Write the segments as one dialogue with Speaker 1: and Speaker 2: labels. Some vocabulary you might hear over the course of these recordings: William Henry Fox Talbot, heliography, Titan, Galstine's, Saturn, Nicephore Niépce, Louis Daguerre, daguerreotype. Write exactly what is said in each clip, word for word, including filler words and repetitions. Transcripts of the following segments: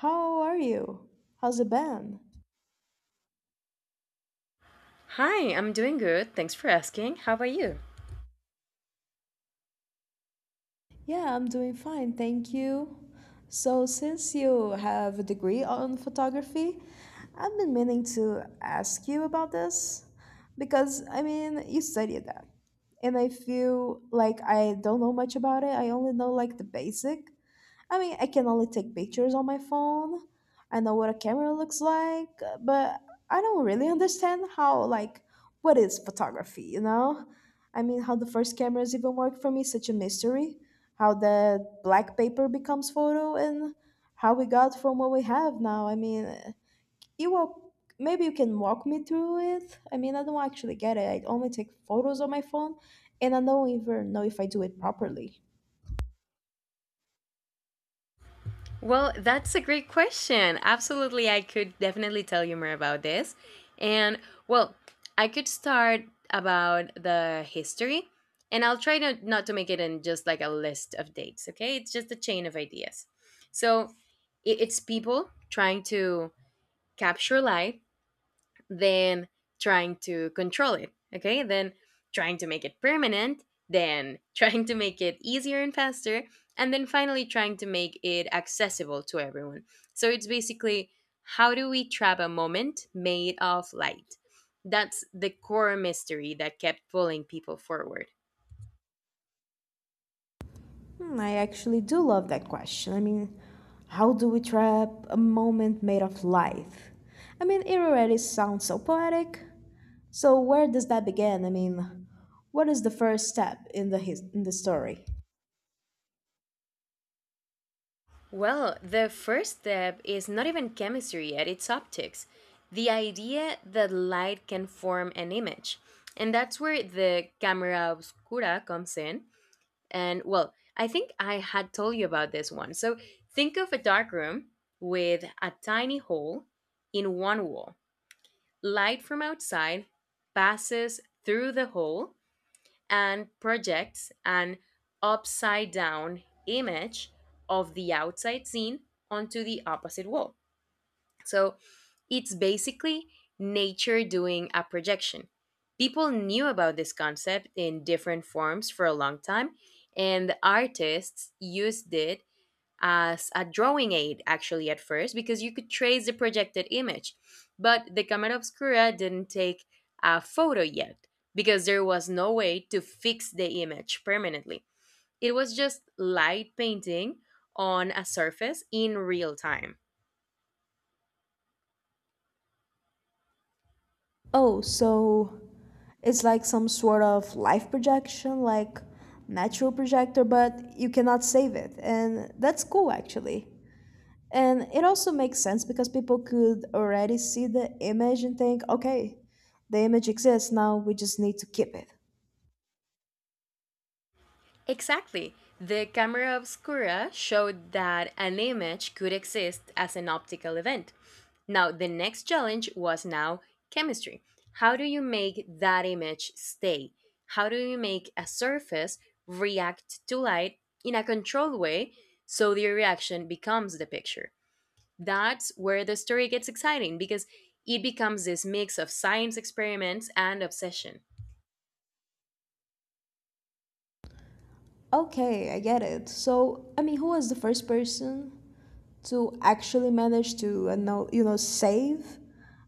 Speaker 1: How are you? How's it been?
Speaker 2: Hi, I'm doing good. Thanks for asking. How about you?
Speaker 1: Yeah, I'm doing fine, thank you. So, since you have a degree on photography, I've been meaning to ask you about this because I mean, you studied that. And I feel like I don't know much about it. I only know like the basic. I mean, I can only take pictures on my phone. I know what a camera looks like, but I don't really understand how, like, what is photography, you know? I mean, how the first cameras even work for me is such a mystery. How the black paper becomes photo and how we got from what we have now. I mean, you walk, maybe you can walk me through it. I mean, I don't actually get it. I only take photos on my phone and I don't even know if I do it properly.
Speaker 2: Well, that's a great question. Absolutely, I could definitely tell you more about this. And well, I could start about the history, and I'll try to, not to make it in just like a list of dates, okay? It's just a chain of ideas. So i- it's people trying to capture light, then trying to control it, okay? Then trying to make it permanent, then trying to make it easier and faster, and then finally trying to make it accessible to everyone. So it's basically, how do we trap a moment made of light? That's the core mystery that kept pulling people forward.
Speaker 1: Hmm, I actually do love that question. I mean, how do we trap a moment made of life? I mean, it already sounds so poetic. So where does that begin? I mean, what is the first step in the his- in the story?
Speaker 2: Well, the first step is not even chemistry yet, it's optics. The idea that light can form an image. And that's where the camera obscura comes in. And well, I think I had told you about this one. So think of a dark room with a tiny hole in one wall. Light from outside passes through the hole and projects an upside down image of the outside scene onto the opposite wall. So it's basically nature doing a projection. People knew about this concept in different forms for a long time, and the artists used it as a drawing aid actually at first because you could trace the projected image. But the camera obscura didn't take a photo yet because there was no way to fix the image permanently. It was just light painting on a surface in real time.
Speaker 1: Oh, so it's like some sort of life projection, like natural projector, but you cannot save it, and that's cool actually. And it also makes sense because people could already see the image and think, okay, the image exists, now we just need to keep it.
Speaker 2: Exactly. The camera obscura showed that an image could exist as an optical event. Now, the next challenge was now chemistry. How do you make that image stay? How do you make a surface react to light in a controlled way so the reaction becomes the picture? That's where the story gets exciting because it becomes this mix of science experiments and obsession.
Speaker 1: Okay, I get it. So, I mean, who was the first person to actually manage to, uh, know, you know, save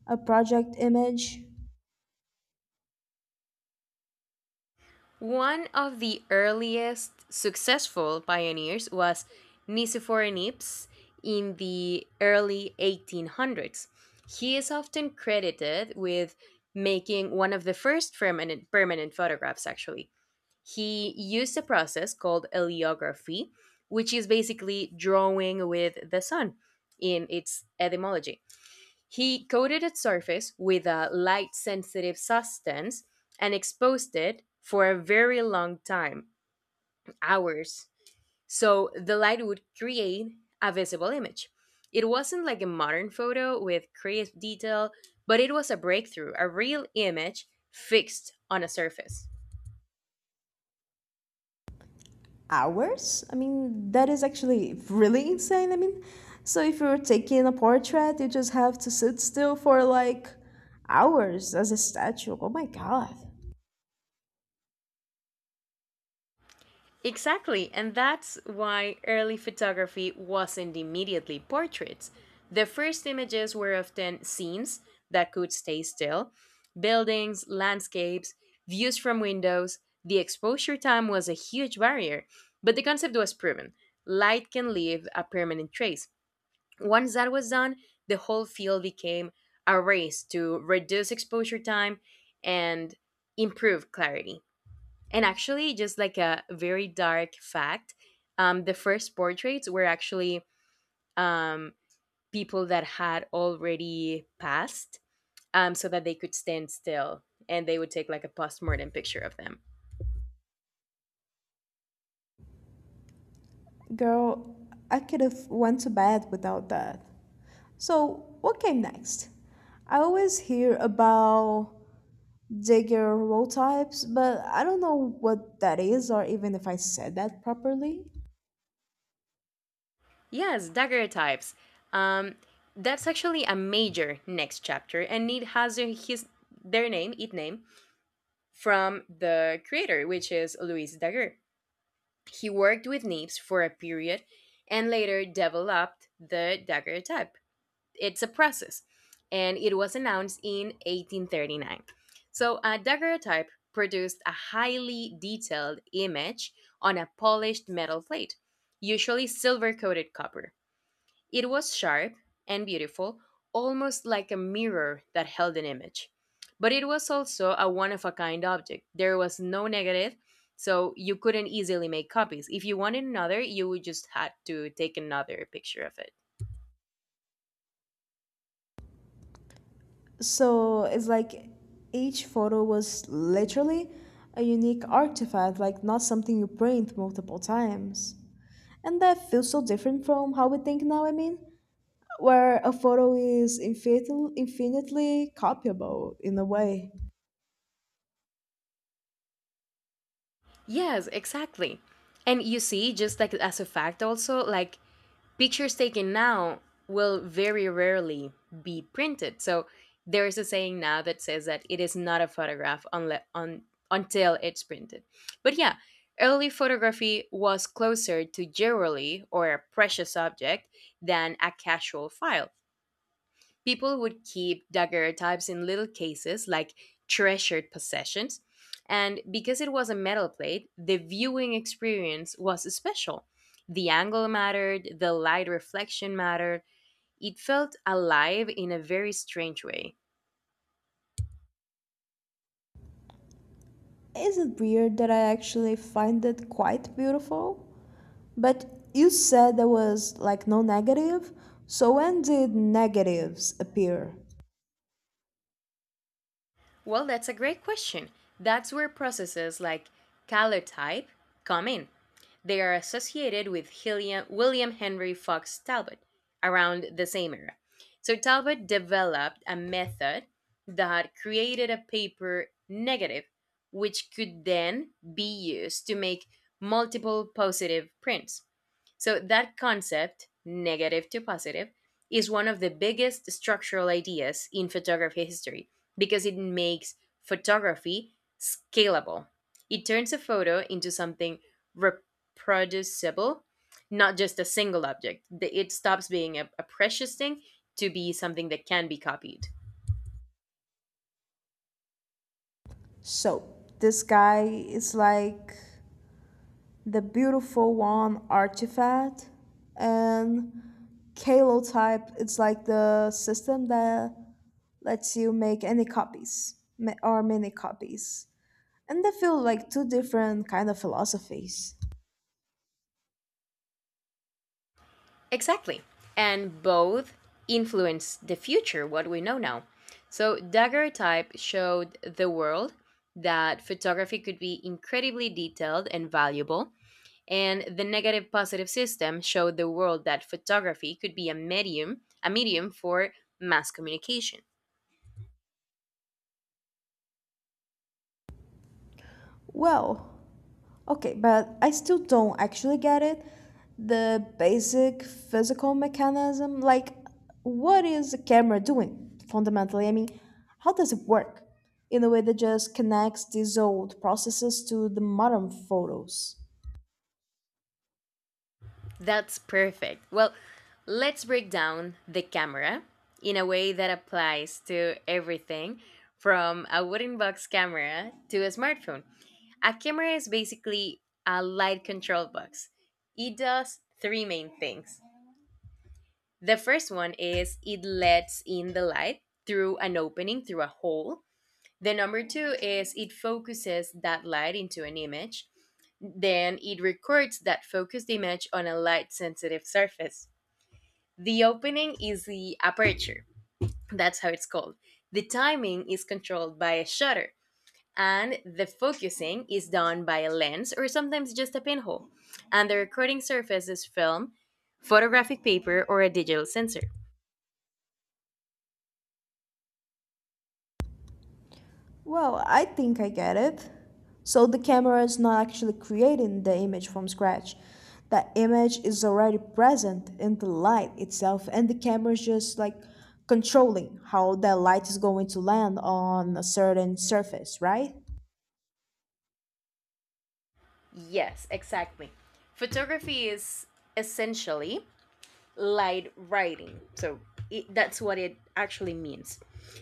Speaker 1: a project image?
Speaker 2: One of the earliest successful pioneers was Nicephore Nips in the early eighteen hundreds. He is often credited with making one of the first permanent, permanent photographs, actually. He used a process called heliography, which is basically drawing with the sun in its etymology. He coated its surface with a light sensitive substance and exposed it for a very long time, hours, so the light would create a visible image. It wasn't like a modern photo with crisp detail, but it was a breakthrough, a real image fixed on a surface.
Speaker 1: Hours. I mean, that is actually really insane. I mean, so if you're taking a portrait, you just have to sit still for like hours as a statue. Oh my god.
Speaker 2: Exactly, and that's why early photography wasn't immediately portraits. The first images were often scenes that could stay still, buildings, landscapes, views from windows. The exposure time was a huge barrier, but the concept was proven, light can leave a permanent trace. Once that was done, the whole field became a race to reduce exposure time and improve clarity. And actually, just like a very dark fact, um, the first portraits were actually um, people that had already passed, um, so that they could stand still, and they would take like a postmortem picture of them.
Speaker 1: Girl, I could have went to bed without that. So, what came next? I always hear about Jaeger roll types, but I don't know what that is or even if I said that properly.
Speaker 2: Yes, daguerreotypes. Um, that's actually a major next chapter, and it has their- his their name, it name, from the creator, which is Louis Daguerre. He worked with Nips for a period and later developed the daguerreotype. It's a process, and it was announced in eighteen thirty-nine. So, a daguerreotype produced a highly detailed image on a polished metal plate, usually silver coated copper. It was sharp and beautiful, almost like a mirror that held an image. But it was also a one of a kind object. There was no negative, so you couldn't easily make copies. If you wanted another, you would just had to take another picture of it.
Speaker 1: So, it's like each photo was literally a unique artifact, like not something you print multiple times. And that feels so different from how we think now, I mean, where a photo is infin- infinitely copyable in a way.
Speaker 2: Yes, exactly. And you see, just like as a fact, also, like pictures taken now will very rarely be printed. So there is a saying now that says that it is not a photograph unless on until it's printed. But yeah, early photography was closer to jewelry or a precious object than a casual file. People would keep daguerreotypes in little cases, like treasured possessions, and because it was a metal plate, the viewing experience was special. The angle mattered, the light reflection mattered. It felt alive in a very strange way.
Speaker 1: Is it weird that I actually find it quite beautiful? But you said there was like no negative, so when did negatives appear?
Speaker 2: Well, that's a great question. That's where processes like color type come in. They are associated with Hilliam, William Henry Fox Talbot around the same era. So Talbot developed a method that created a paper negative, which could then be used to make multiple positive prints. So, that concept, negative to positive, is one of the biggest structural ideas in photography history because it makes photography scalable. It turns a photo into something reproducible, not just a single object. The- It stops being a, a precious thing to be something that can be copied.
Speaker 1: So, this guy is like the beautiful one artifact, and Kalotype it's like the system that lets you make any copies ma- or many copies. And they feel like two different kind of philosophies.
Speaker 2: Exactly. And both influence the future, what we know now. So, daguerreotype showed the world that photography could be incredibly detailed and valuable. And the negative positive system showed the world that photography could be a medium, a medium for mass communication.
Speaker 1: Well, okay, but I still don't actually get it. The basic physical mechanism, like what is a camera doing fundamentally? I mean, how does it work in a way that just connects these old processes to the modern photos?
Speaker 2: That's perfect. Well, let's break down the camera in a way that applies to everything from a wooden box camera to a smartphone. A camera is basically a light control box. It does three main things. The first one is, it lets in the light through an opening, through a hole. The number two is, it focuses that light into an image. Then it records that focused image on a light sensitive surface. The opening is the aperture, that's how it's called. The timing is controlled by a shutter, and the focusing is done by a lens or sometimes just a pinhole, and the recording surface is film, photographic paper, or a digital sensor.
Speaker 1: Well, I think I get it. So the camera is not actually creating the image from scratch. The image is already present in the light itself, and the camera is just like controlling how the light is going to land on a certain surface, right?
Speaker 2: Yes, exactly. Photography is essentially light writing, so it, that's what it actually means.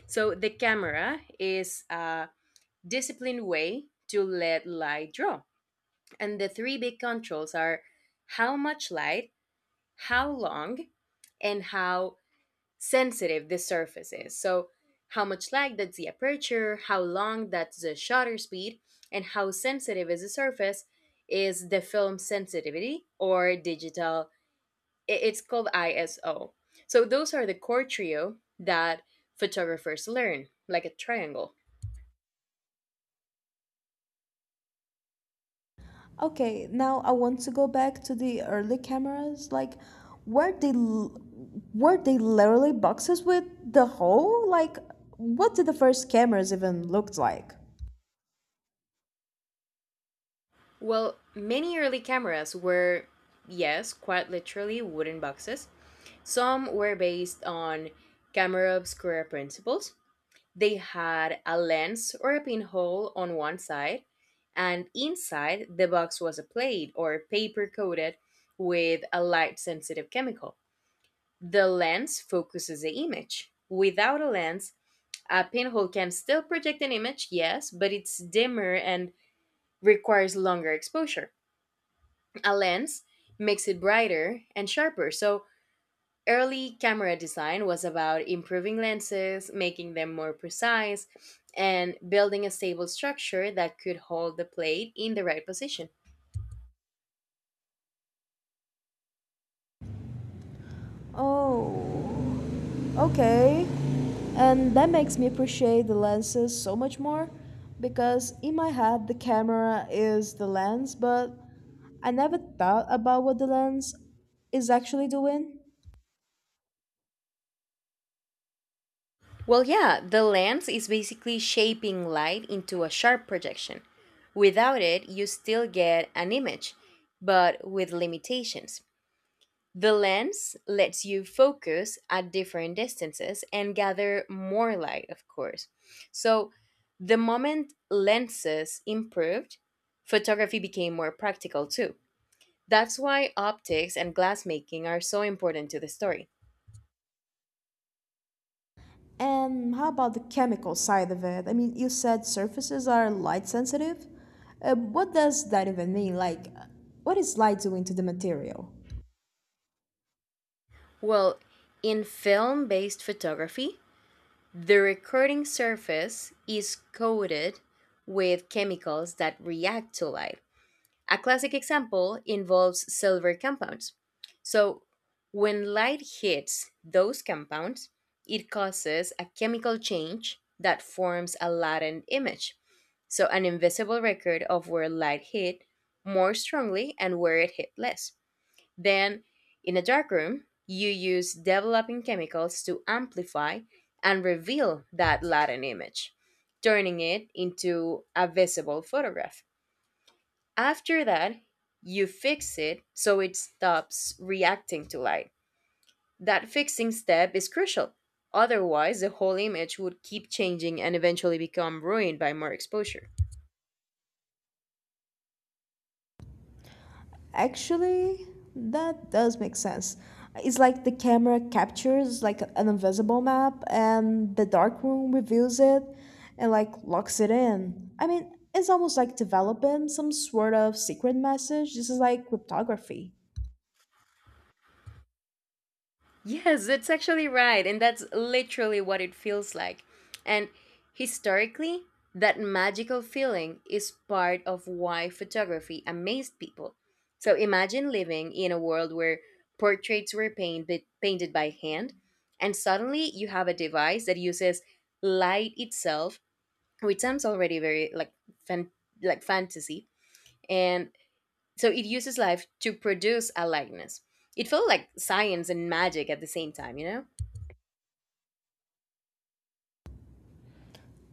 Speaker 2: So the camera is a disciplined way to let light draw, and the three big controls are how much light, how long, and how sensitive the surface is. So, how much light, that's the aperture; how long, that's the shutter speed; and how sensitive is the surface is the film sensitivity or digital. i- It's called ISO. So, those are the core trio that photographers learn, like a triangle.
Speaker 1: Okay, now I want to go back to the early cameras, like were they l- were they literally boxes with the hole? Like what did the first cameras even looked like?
Speaker 2: Well, many early cameras were, yes, quite literally wooden boxes. Some were based on camera obscura principles. They had a lens or a pinhole on one side, and inside the box was a plate or paper coated with a light sensitive chemical. The lens focuses the image. Without a lens, a pinhole can still project an image, yes, but it's dimmer and requires longer exposure. A lens makes it brighter and sharper, so early camera design was about improving lenses, making them more precise, and building a stable structure that could hold the plate in the right position.
Speaker 1: Oh. Okay, and that makes me appreciate the lenses so much more because in my head the camera is the lens, but I never thought about what the lens is actually doing.
Speaker 2: Well, yeah, the lens is basically shaping light into a sharp projection. Without it, you still get an image, but with limitations. The lens lets you focus at different distances and gather more light, of course. So, the moment lenses improved, photography became more practical too. That's why optics and glassmaking are so important to the story.
Speaker 1: And how about the chemical side of it? I mean, you said surfaces are light sensitive. Uh, what does that even mean? Like, what is light doing to the material?
Speaker 2: Well, in film based photography, the recording surface is coated with chemicals that react to light. A classic example involves silver compounds. So, when light hits those compounds, it causes a chemical change that forms a latent image. So, an invisible record of where light hit more strongly and where it hit less. Then, in a dark room, you use developing chemicals to amplify and reveal that latent image, turning it into a visible photograph. After that, you fix it so it stops reacting to light. That fixing step is crucial. Otherwise, the whole image would keep changing and eventually become ruined by more exposure.
Speaker 1: Actually, that does make sense. It's like the camera captures like an invisible map and the dark room reveals it and like locks it in. I mean, it's almost like developing some sort of secret message. This is like cryptography.
Speaker 2: Yes, that's actually right. And that's literally what it feels like. And historically, that magical feeling is part of why photography amazed people. So imagine living in a world where portraits were painted, painted by hand, and suddenly you have a device that uses light itself, which sounds already very like fan, like fantasy. And so it uses life to produce a likeness. It felt like science and magic at the same time, you know?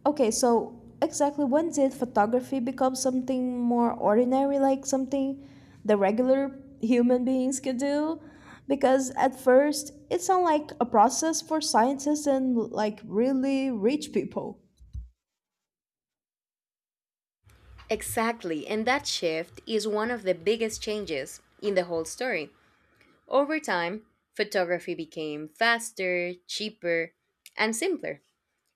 Speaker 1: Okay, so exactly when did photography become something more ordinary, like something the regular human beings could do? Because at first, it sounded like a process for scientists and like really rich people.
Speaker 2: Exactly, and that shift is one of the biggest changes in the whole story. Over time, photography became faster, cheaper, and simpler.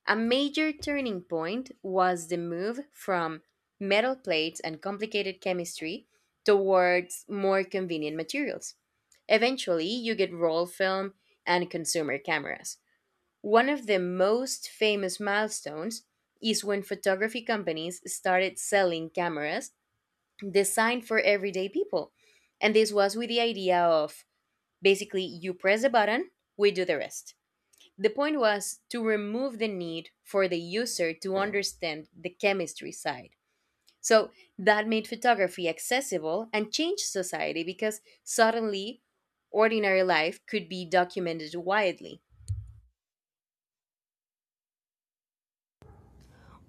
Speaker 2: A major turning point was the move from metal plates and complicated chemistry towards more convenient materials. Eventually, you get roll film and consumer cameras. One of the most famous milestones is when photography companies started selling cameras designed for everyday people. And this was with the idea of basically, you press the button, we do the rest. The point was to remove the need for the user to understand the chemistry side. So that made photography accessible and changed society because suddenly ordinary life could be documented widely.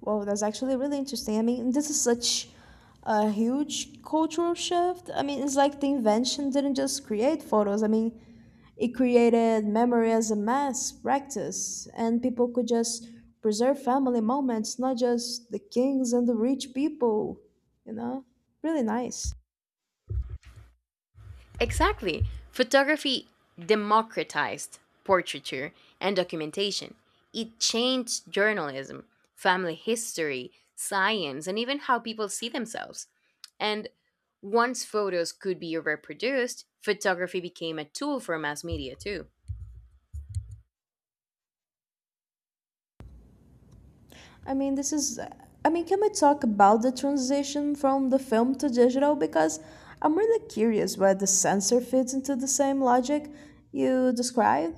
Speaker 1: Well, that's actually really interesting. I mean, this is such a huge cultural shift. I mean, it's like the invention didn't just create photos. I mean, it created memory as a mass practice, and people could just preserve family moments, not just the kings and the rich people, you know? Really nice.
Speaker 2: Exactly. Photography democratized portraiture and documentation. It changed journalism, family history, science, and even how people see themselves. And once photos could be reproduced, photography became a tool for mass media too.
Speaker 1: I mean, this is. I mean, can we talk about the transition from the film to digital? Because I'm really curious where the sensor fits into the same logic you described.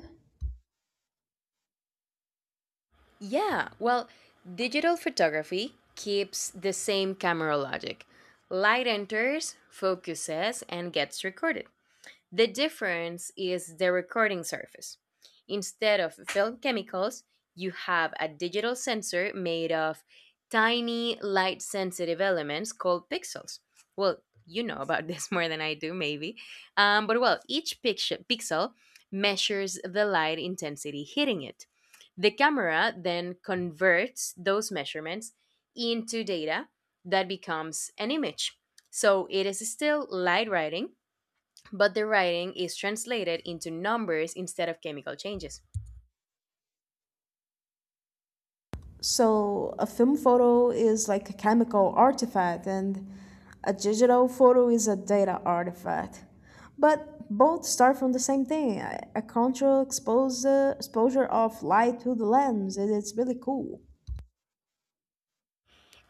Speaker 2: Yeah, well, digital photography keeps the same camera logic. Light enters, focuses, and gets recorded. The difference is the recording surface. Instead of film chemicals, you have a digital sensor made of tiny light sensitive elements called pixels. Well, you know about this more than I do, maybe. Um, but well, each pixel, pixel measures the light intensity hitting it. The camera then converts those measurements into data that becomes an image. So it is still light writing, but the writing is translated into numbers instead of chemical changes.
Speaker 1: So, a film photo is like a chemical artifact, and a digital photo is a data artifact. But both start from the same thing, a a control expose, exposure of light through the lens, and it's really cool.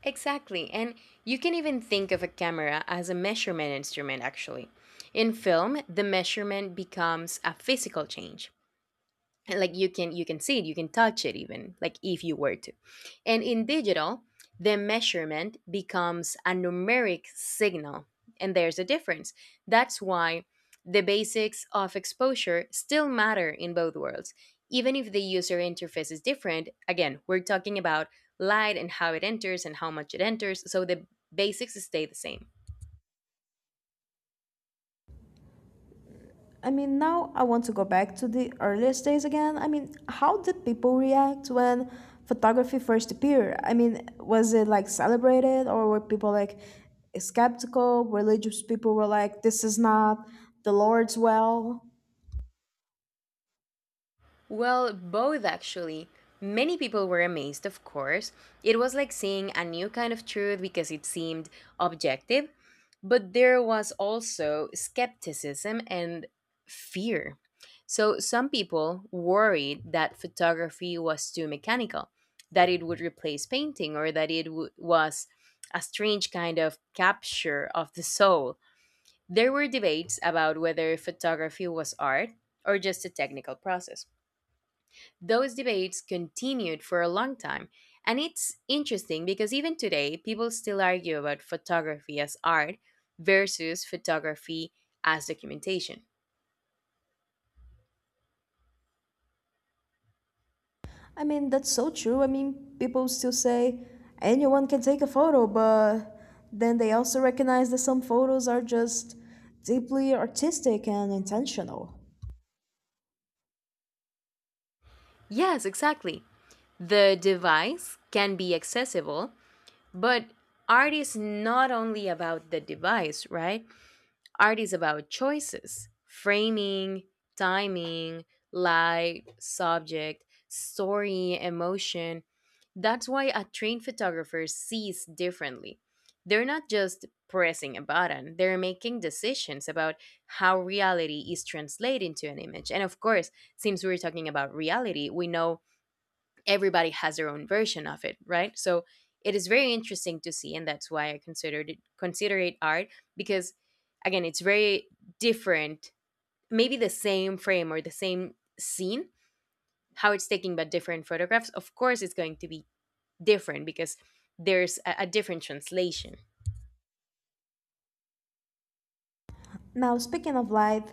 Speaker 2: Exactly, and you can even think of a camera as a measurement instrument, actually. In film, the measurement becomes a physical change, and like you can you can see it, you can touch it even, like if you were to. And in digital, the measurement becomes a numeric signal, and there's a difference. That's why the basics of exposure still matter in both worlds, even if the user interface is different. Again, we're talking about light and how it enters and how much it enters, so the basics stay the same.
Speaker 1: I mean, now I want to go back to the earliest days again. I mean, how did people react when photography first appeared? I mean, was it like celebrated or were people like skeptical? Religious people were like, this is not the Lord's well.
Speaker 2: Well, both actually. Many people were amazed, of course. It was like seeing a new kind of truth because it seemed objective, but there was also skepticism and fear. So some people worried that photography was too mechanical, that it would replace painting, or that it w- was a strange kind of capture of the soul. There were debates about whether photography was art or just a technical process. Those debates continued for a long time, and it's interesting because even today, people still argue about photography as art versus photography as documentation.
Speaker 1: I mean, that's so true. I mean, people still say anyone can take a photo, but then they also recognize that some photos are just deeply artistic and intentional.
Speaker 2: Yes, exactly. The device can be accessible, but art is not only about the device, right? Art is about choices, framing, timing, light, subject, story, emotion. That's why a trained photographer sees differently. They're not just pressing a button, they're making decisions about how reality is translated into an image. And of course, since we're talking about reality, we know everybody has their own version of it, right? So it is very interesting to see, and that's why I considered it consider it art because again, it's very different. Maybe the same frame or the same scene, how it's taken, but different photographs. Of course, it's going to be different because there's a, a different translation.
Speaker 1: Now, speaking of light,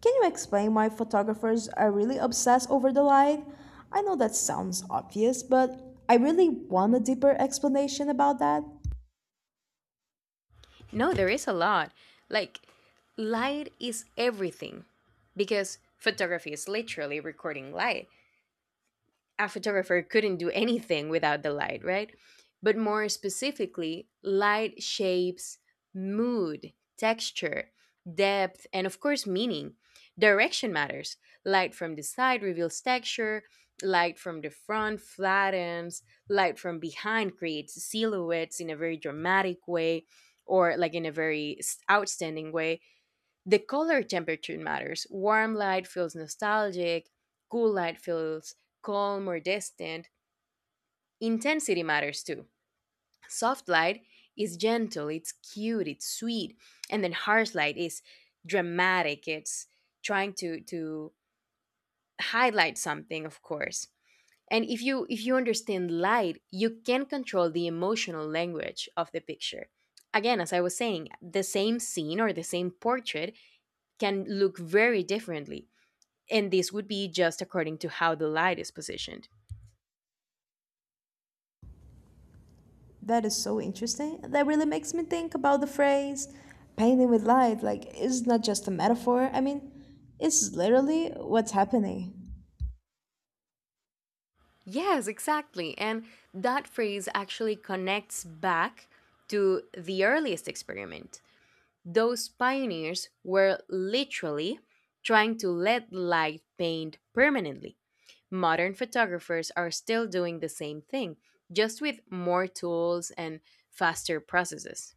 Speaker 1: can you explain why photographers are really obsessed over the light? I know that sounds obvious, but I really want a deeper explanation about that.
Speaker 2: No, there is a lot. Like, light is everything because photography is literally recording light. A photographer couldn't do anything without the light, right? But more specifically, light shapes mood, texture, depth, and of course, meaning. Direction matters. Light from the side reveals texture, light from the front flattens, light from behind creates silhouettes in a very dramatic way, or like in a very s- outstanding way. The color temperature matters. Warm light feels nostalgic, cool light feels calm or distant. Intensity matters too. Soft light is gentle, it's cute, it's sweet. And then harsh light is dramatic. It's trying to to highlight something, of course. And if you if you understand light, you can control the emotional language of the picture. Again, as I was saying, the same scene or the same portrait can look very differently, and this would be just according to how the light is positioned.
Speaker 1: That is so interesting. That really makes me think about the phrase painting with light. Like, it's not just a metaphor. I mean, it's literally what's happening.
Speaker 2: Yes, exactly. And that phrase actually connects back to the earliest experiment. Those pioneers were literally trying to let light paint permanently. Modern photographers are still doing the same thing, just with more tools and faster processes.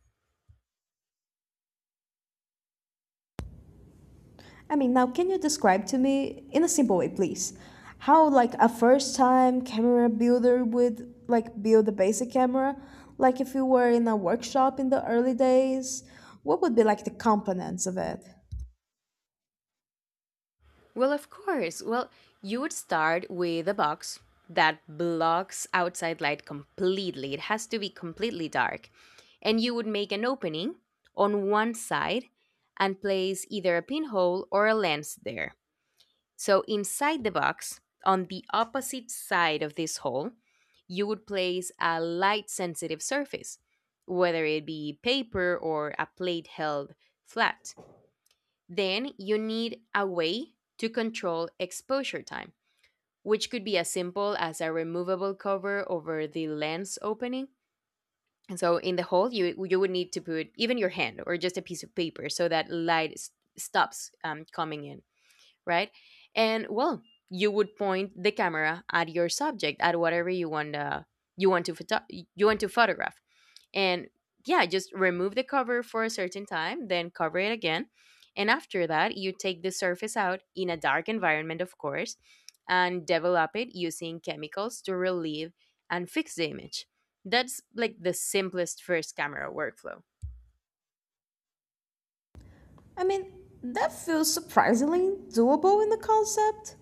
Speaker 1: I mean, now can you describe to me in a simple way, please, how like a first-time camera builder would like build a basic camera? Like if you were in a workshop in the early days, what would be like the components of it?
Speaker 2: Well, of course. Well, you would start with a box that blocks outside light completely. It has to be completely dark. And you would make an opening on one side and place either a pinhole or a lens there. So, inside the box, on the opposite side of this hole, you would place a light sensitive surface, whether it be paper or a plate held flat. Then you need a way to control exposure time, which could be as simple as a removable cover over the lens opening. And so in the hole, you, you would need to put even your hand or just a piece of paper so that light s- stops um, coming in, right? And well, you would point the camera at your subject, at whatever you want to you want to photo- you want to photograph. And yeah, just remove the cover for a certain time, then cover it again. And after that, you take the surface out in a dark environment, of course, and develop it using chemicals to relieve and fix the image. That's like the simplest first camera workflow.
Speaker 1: I mean, that feels surprisingly doable in the concept.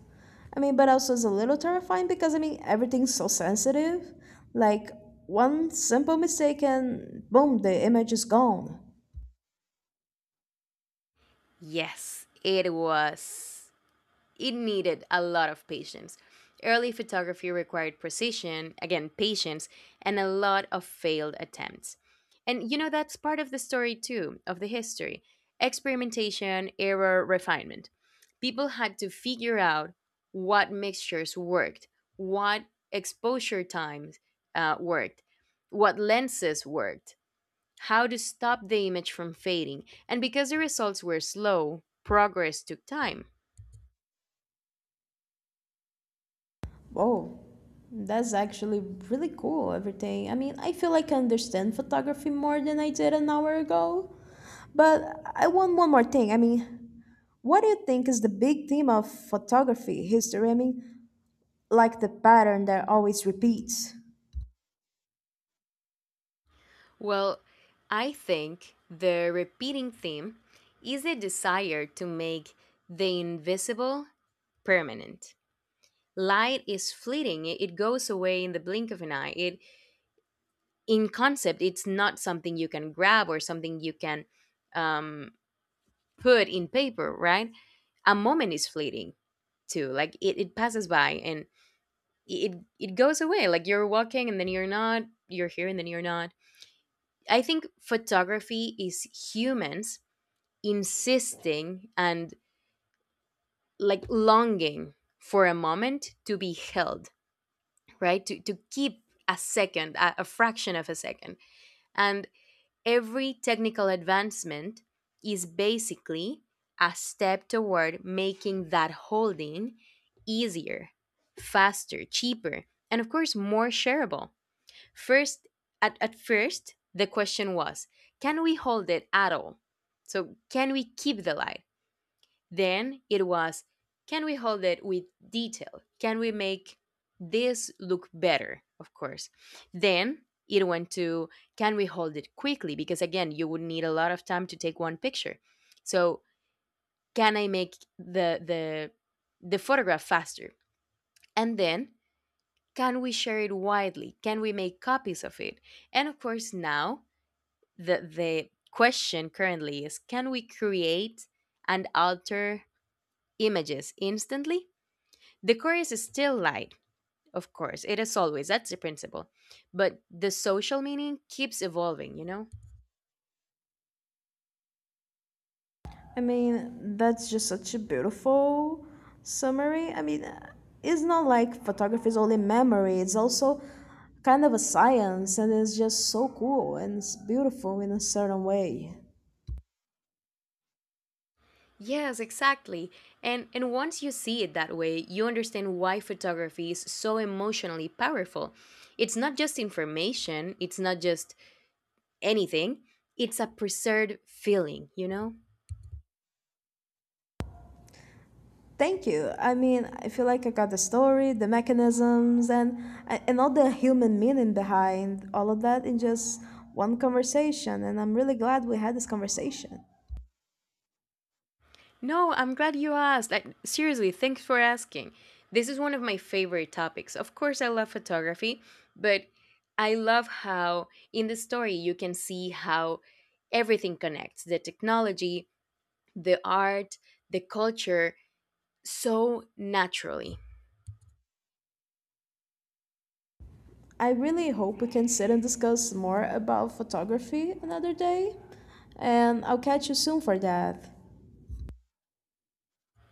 Speaker 1: I mean, but also is a little terrifying because I mean everything's so sensitive. Like one simple mistake and boom, the image is gone.
Speaker 2: Yes, it was. It needed a lot of patience. Early photography required precision, again, patience, and a lot of failed attempts. And you know, that's part of the story too, of the history: experimentation, error, refinement. People had to figure out what mixtures worked, what exposure times uh, worked, what lenses worked, how to stop the image from fading. And because the results were slow, progress took time.
Speaker 1: Oh, that's actually really cool, everything. I mean, I feel like I understand photography more than I did an hour ago. But I want one more thing. I mean, what do you think is the big theme of photography history? I mean, like the pattern that always repeats.
Speaker 2: Well, I think the repeating theme is a desire to make the invisible permanent. Light is fleeting, it it goes away in the blink of an eye. It, in concept, it's not something you can grab or something you can um, put in paper, right? A moment is fleeting too. Like, it, it passes by and it it goes away. Like, you're walking and then you're not, you're here and then you're not. I think photography is humans insisting and like longing for a moment to be held, right? To, to keep a second, a, a fraction of a second. And every technical advancement is basically a step toward making that holding easier, faster, cheaper, and of course, more shareable. First, at, at first, the question was, can we hold it at all? So, can we keep the light? Then it was, can we hold it with detail? Can we make this look better? Of course. Then it went to, can we hold it quickly? Because again, you would need a lot of time to take one picture. So, can I make the the the photograph faster? And then, can we share it widely? Can we make copies of it? And of course, now the the question currently is, can we create and alter images instantly? The chorus is still light, of course. It is always, that's the principle. But the social meaning keeps evolving, you know?
Speaker 1: I mean, that's just such a beautiful summary. I mean, uh, it's not like photography is only memory, it's also kind of a science, and it's just so cool and it's beautiful in a certain way.
Speaker 2: Yes, exactly. And and once you see it that way, you understand why photography is so emotionally powerful. It's not just information, it's not just anything. It's a preserved feeling, you know?
Speaker 1: Thank you. I mean, I feel like I got the story, the mechanisms, and and all the human meaning behind all of that in just one conversation. And I'm really glad we had this conversation.
Speaker 2: No, I'm glad you asked. Like, seriously, thanks for asking. This is one of my favorite topics. Of course, I love photography, but I love how in the story you can see how everything connects: the technology, the art, the culture, so naturally.
Speaker 1: I really hope we can sit and discuss more about photography another day. And I'll catch you soon for that.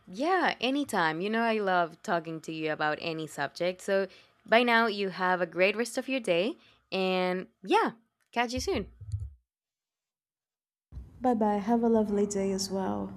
Speaker 2: Yeah, anytime. You know, I love talking to you about any subject. So by now, you have a great rest of your day, and yeah, catch you soon.
Speaker 1: Bye bye. Have a lovely day as well.